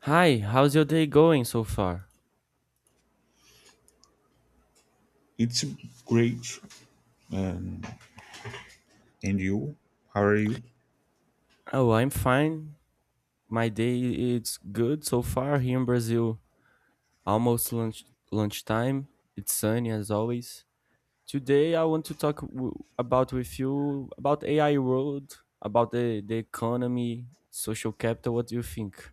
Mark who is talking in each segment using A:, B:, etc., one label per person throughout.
A: Hi, how's your day going so far?
B: It's great. Um, and you? How are you?
A: Oh, I'm fine. My day it's good so far here in Brazil. Almost lunchtime. It's sunny as always. Today I want to talk w- about with you about AI world, about the economy, social capital. What do you think?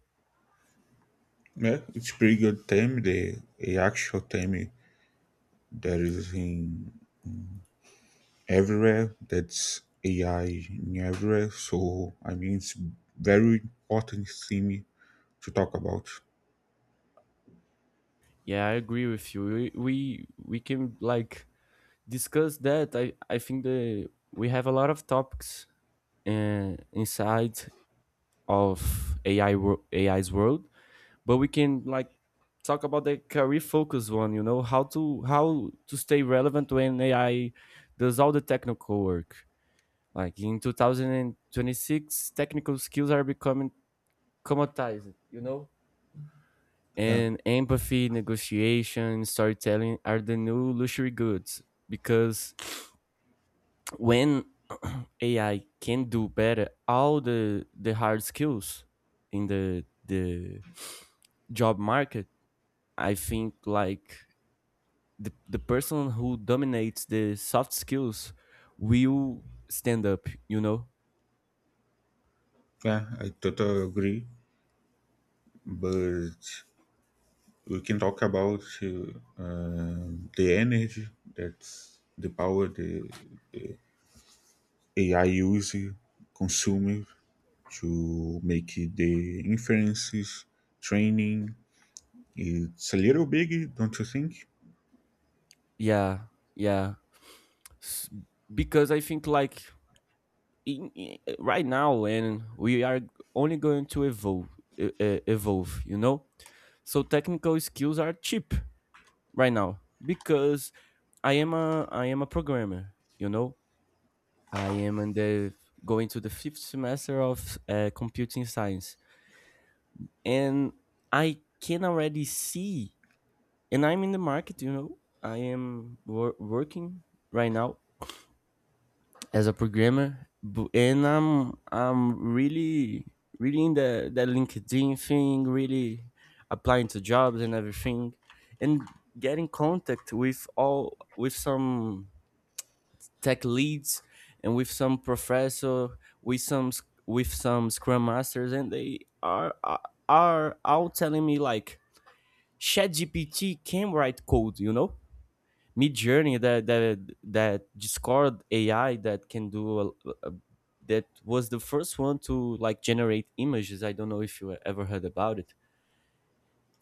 B: Yeah, it's pretty good team. The a actual team that is in everywhere. That's AI in everywhere. So I mean, it's very important thing to talk about.
A: Yeah, I agree with you. We can, like, discuss that. I think the we have a lot of topics inside of AI's world, but we can, like, talk about the career focus one, you know, how to stay relevant when ai does all the technical work, like in 2026. Technical skills are becoming commoditized, you know,
B: Yeah,
A: and empathy, negotiation, storytelling are the new luxury goods, because when ai can do better all the hard skills in the job market. I think, like, the person who dominates the soft skills will stand up, you know?
B: yeah, I totally agree. But we can talk about the energy that's the power the AI uses, consumes to make the inferences training. It's a little big, don't you think?
A: Yeah, yeah. S- Because I think, like, right now, and we are only going to evolve, evolve, you know? So technical skills are cheap right now, because I am a programmer, you know? I am in the going to the fifth semester of computing science, and I can already see, and I'm in the market. You know, I am working right now as a programmer, and I'm really really in the, that LinkedIn thing, really applying to jobs and everything, and getting contact with all, with some tech leads and with some professor, with with some scrum masters, and they are are all telling me, like, ChatGPT can write code, you know? Midjourney, that Discord AI, that can do a- that was the first one to, like, generate images. I don't know if you ever heard about it.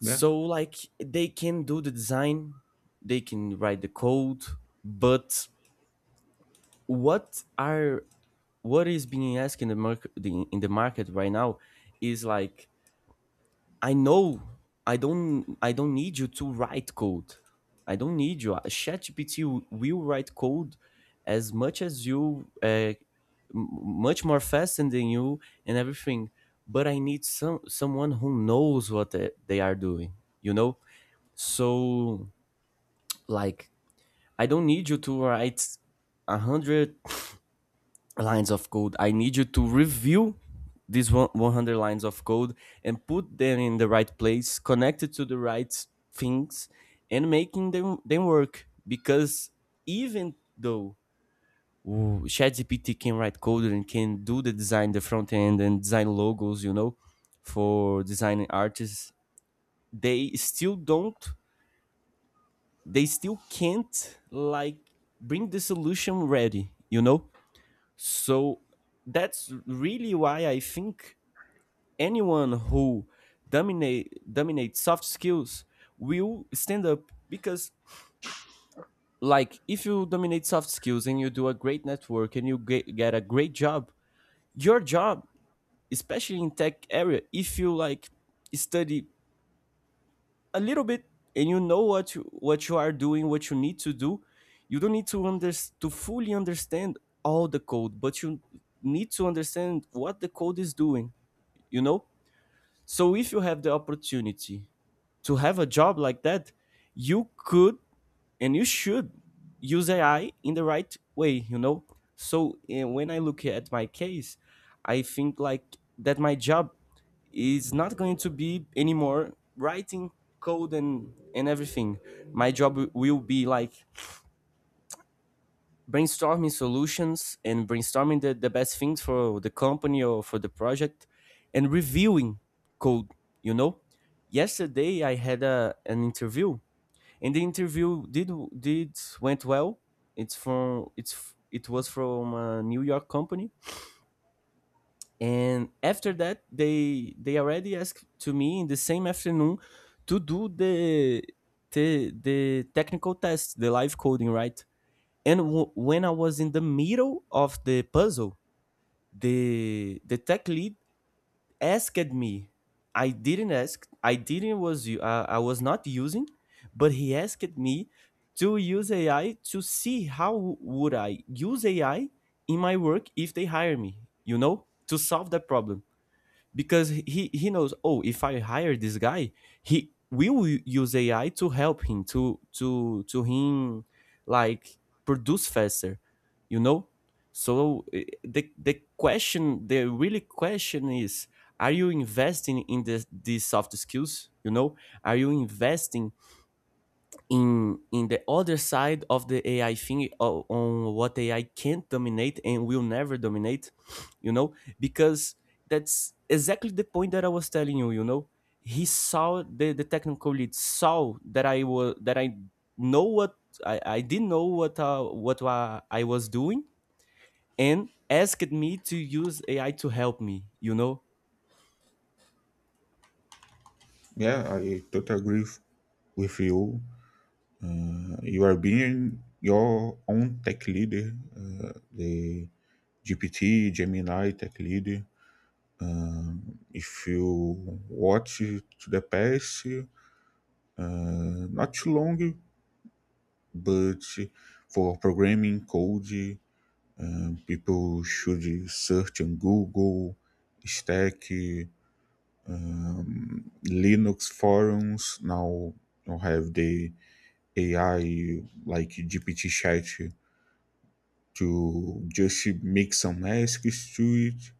B: Yeah,
A: like, they can do the design, they can write the code, but what are what is being asked in the market, right now is, like, I know, I don't need you to write code. I don't need you. ChatGPT will write code as much as you, much more faster than you, and everything. But I need someone who knows what they are doing. You know, so, like, I don't need you to write a hundred lines of code. I need you to review these 100 lines of code and put them in the right place, connected to the right things, and making them work. Because even though ChatGPT can write code and can do the design, the front end, and design logos, you know, for designing artists, they still don't, they still can't, like, bring the solution ready, you know? So that's really why I think anyone who dominates soft skills will stand up, because, like, if you dominate soft skills and you do a great network and you get a great job, your job, especially in tech area, if you, like, study a little bit and you know what you are doing, what you need to do, you don't need to to fully understand all the code, but you need to understand what the code is doing, you know? So if you have the opportunity to have a job like that, you could, and you should use AI in the right way, you know? So when I look at my case, I think, like, that my job is not going to be anymore writing code and everything. My job will be, like, brainstorming solutions and brainstorming the best things for the company or for the project, and reviewing code, you know. Yesterday I had an interview, and the interview did went well. It was from a New York company, and after that, they already asked to me in the same afternoon to do the technical test, the live coding, right? And when I was in the middle of the puzzle, the tech lead asked me. I didn't ask. I was not using, but he asked me to use AI to see how would I use AI in my work if they hire me. You know, to solve that problem, because he knows, oh, if I hire this guy, he will use ai to help him to him, like, produce faster, you know. So the question, the really question is, are you investing in these soft skills, you know, are you investing in the other side of the AI thing, on what AI can't dominate and will never dominate, you know, because that's exactly the point that I was telling you. You know, he saw the technical lead saw that I was that I know what, I didn't know what I was doing, and asked me to use AI to help me, you know.
B: yeah, I totally agree with you. You are being your own tech leader, the GPT, Gemini tech leader. If you watch to the past, not too long, but for programming code, people should search on Google, Stack, Linux forums, now have the AI like GPT chat to just make some asks to it,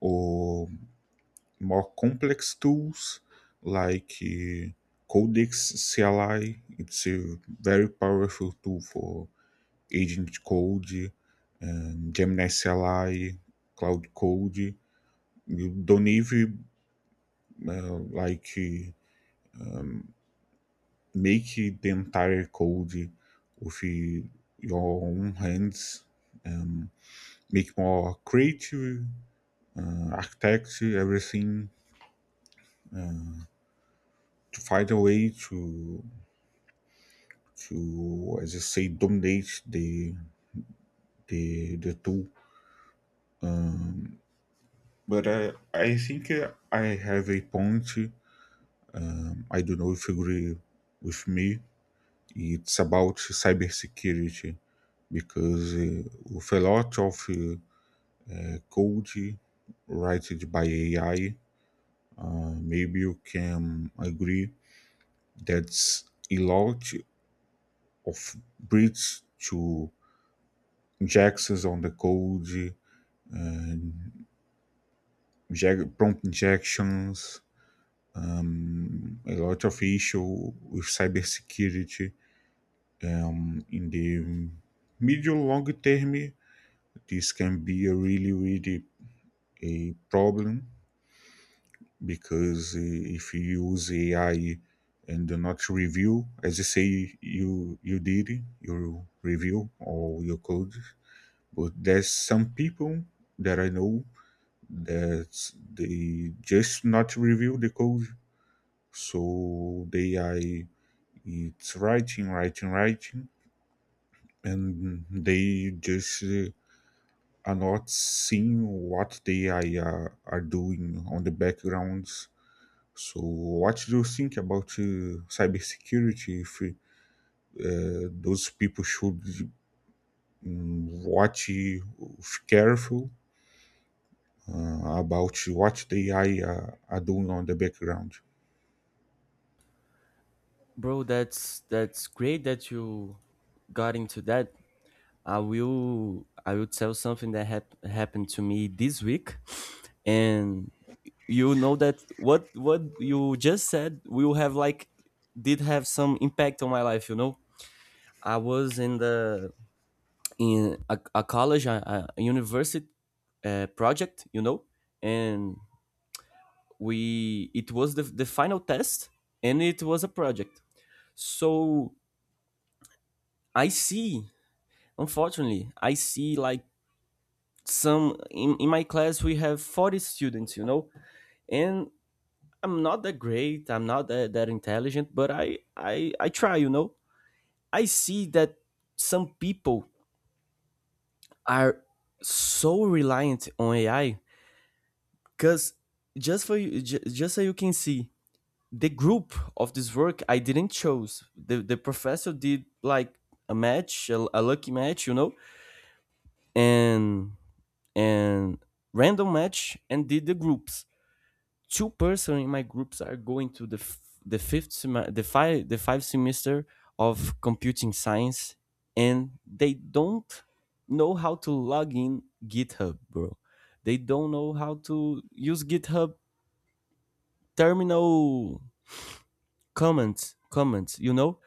B: or more complex tools like Codex CLI. It's a very powerful tool for agent code, Gemini CLI, cloud code. You don't even uh, like uh, make the entire code with your own hands, make more creative, architect everything to find a way to as I say dominate the tool. But I think I have a point. I don't know if you agree with me. It's about cybersecurity because with a lot of code written by AI. Maybe you can agree that's a lot of bridge to injections on the code, prompt injections, a lot of issue with cybersecurity. In the medium long term, this can be a really, really a problem because if you use AI and do not review, as you say, you did you review all your code. But there's some people that I know that they just not review the code, so they are, it's writing, writing, writing, and they just are not seeing what they I are doing on the backgrounds. So, what do you think about cybersecurity? If those people should watch, careful, about what the AI are doing on the background.
A: Bro, that's great that you got into that. I will tell something that happened to me this week, and you know that what you just said will have, like, did have some impact on my life, you know. I was in a college, a university project, you know, and we, it was the final test, and it was a project. So I see, unfortunately, I see, like, some, in my class we have 40 students, you know, and I'm not that great, I'm not that intelligent, but I try, you know. I see that some people are so reliant on ai, because just for you, just so you can see, the group of this work, I didn't choose, the professor did, like, a match, a lucky match, you know, and and random match and did the groups. Two person in my groups are going to the f- the fifth sem- the five semester of computing science, and they don't know how to log in github, bro. They don't know how to use github terminal, comments, you know.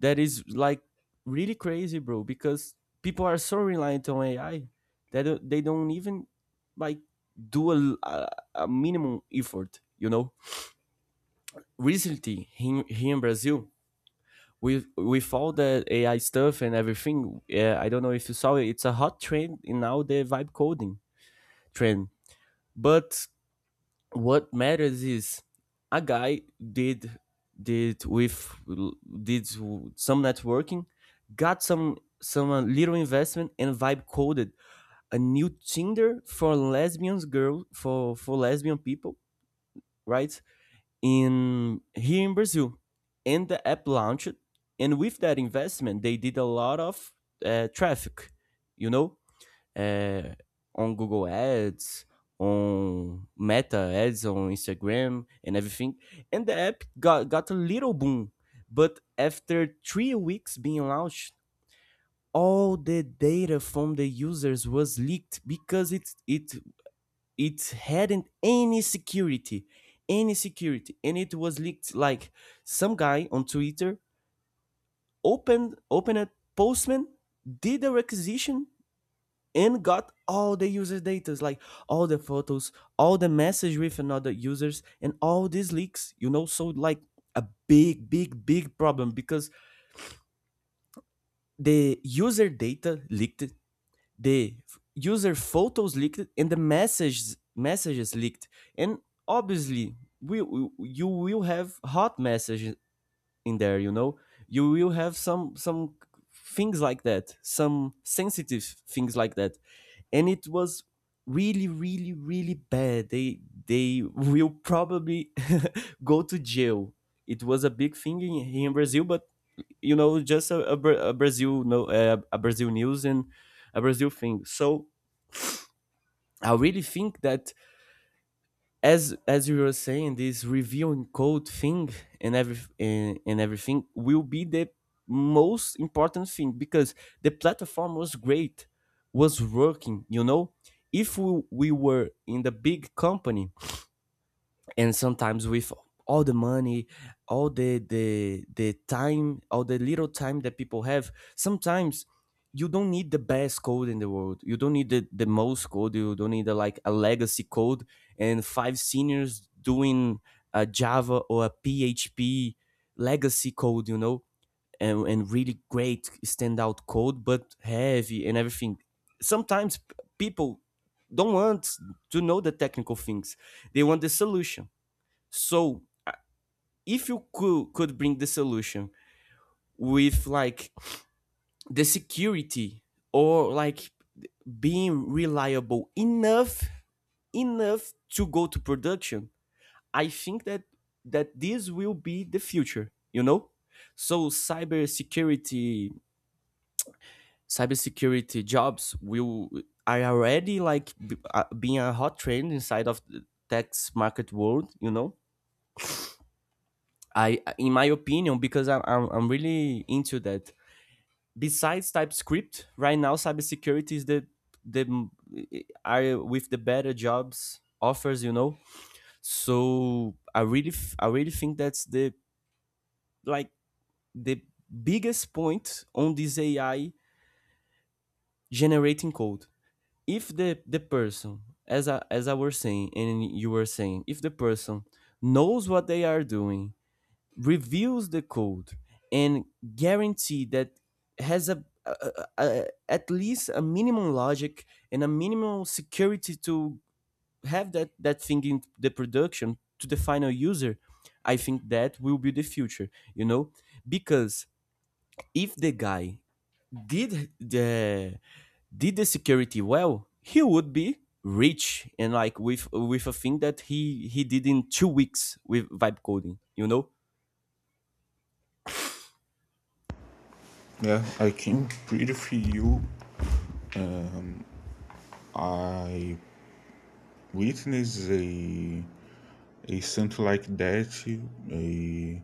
A: That is, like, really crazy, bro, because people are so reliant on ai that they don't even, like, do a minimum effort, you know. Recently, here in Brazil, with all the AI stuff and everything, yeah, I don't know if you saw it, it's a hot trend in now, the vibe coding trend. But what matters is, a guy did did with did some networking, got some little investment and vibe coded a new Tinder for lesbians girl for lesbian people, right? In here in Brazil. And the app launched, and with that investment, they did a lot of traffic, you know, uh, on Google Ads, on Meta Ads, on Instagram, and everything. And the app got a little boom, but after 3 weeks being launched, all the data from the users was leaked because it hadn't any security, and it was leaked, like, some guy on twitter opened a postman, did a requisition, and got all the user data, like, all the photos, all the message with another users, and all these leaks, you know. So, like, a big problem, because the user data leaked, the user photos leaked, and the messages leaked, and, obviously, we you will have hot messages in there, you know. You will have some things like that, some sensitive things like that, and it was really bad. They will probably go to jail. It was a big thing, here in brazil, but, you know, just a brazil no a brazil news, and a brazil thing. So I really think that, as you were saying, this review and code thing and every, and everything will be the most important thing, because the platform was great, was working, you know. If we were in the big company, and sometimes with all the money, all the the time, all the little time that people have, sometimes you don't need the best code in the world, you don't need the most code, you don't need like a legacy code, and five seniors doing a java or a php legacy code, you know, and, really great standout code, but heavy and everything. Sometimes people don't want to know the technical things, they want the solution. So if you could bring the solution with, like, the security, or, like, being reliable enough to go to production, I think that this will be the future, you know? So cybersecurity jobs will, are already, like, being a hot trend inside of the tech market world, you know? I In my opinion, because I'm really into that, besides TypeScript, right now cybersecurity is the, are with the better jobs offers, you know. So I really think that's the, like, the biggest point on this AI generating code. If the person, as I was saying and you were saying, if the person knows what they are doing, reviews the code, and guarantee that has at least a minimum logic and a minimum security to have that thing in the production to the final user, I think that will be the future, you know. Because if the guy did the did the security well, he would be rich, and, like, with a thing that he did in 2 weeks with vibe coding, you know.
B: Yeah, I can pretty feel I witness a something like that, a,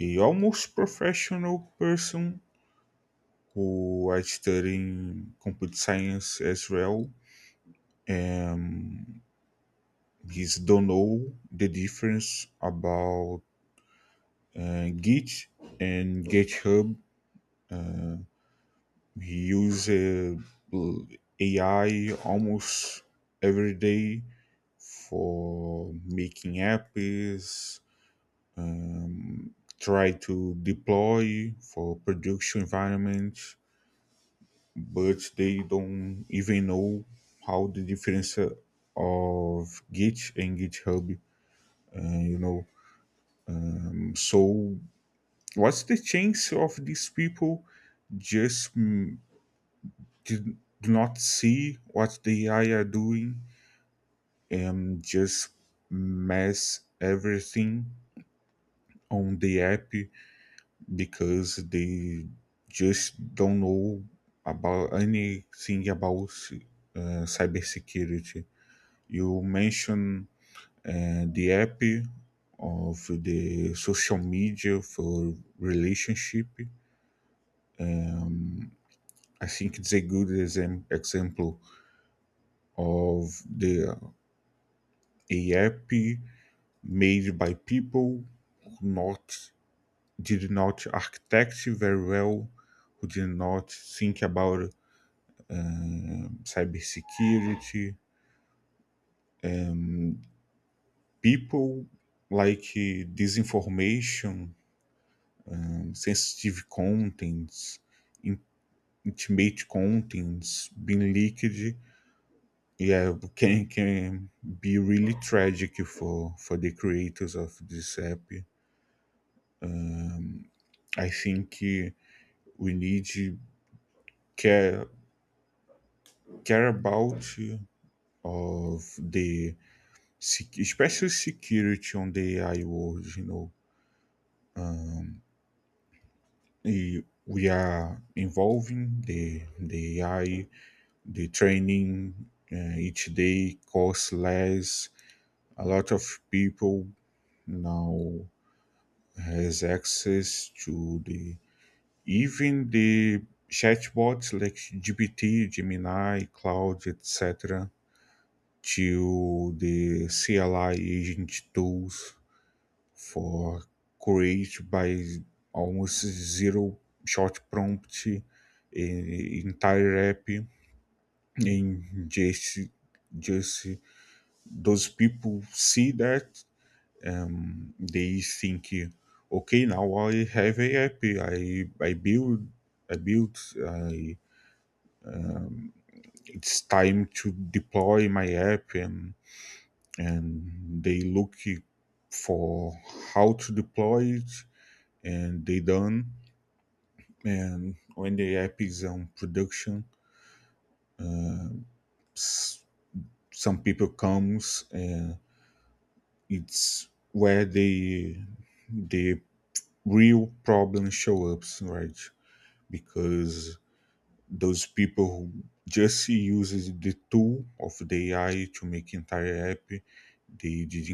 B: a almost professional person who is studying computer science as well. And he don't know the difference about Git and GitHub. Uses AI almost every day for making apps, try to deploy for production environments, but they don't even know how the difference of Git and GitHub, you know. So, what's the chance of these people just did, do not see what the AI are doing and just mess everything on the app because they just don't know about anything about cybersecurity. You mentioned the app of the social media for relationship. Um, I think it's a good example of the a app made by people, not did not architect very well, who did not think about cybersecurity. People like disinformation, sensitive contents, in- intimate contents being leaked. Yeah, can be really tragic for the creators of this app. I think we need to care care about of the special security on the AI world, you know. Eh, We are involving the AI, the training each day costs less. A lot of people now has access to the, even the chatbots like GPT, Gemini, Cloud, etc. To the CLI agent tools for create by almost zero short prompt entire app. And just those people see that they think, okay, now I have a app, I built I, it's time to deploy my app. And they look for how to deploy it, and they done. And when the app is on production, s- some people comes, and it's where the real problem show up, right? Because those people who just uses the tool of the AI to make entire app, they didn't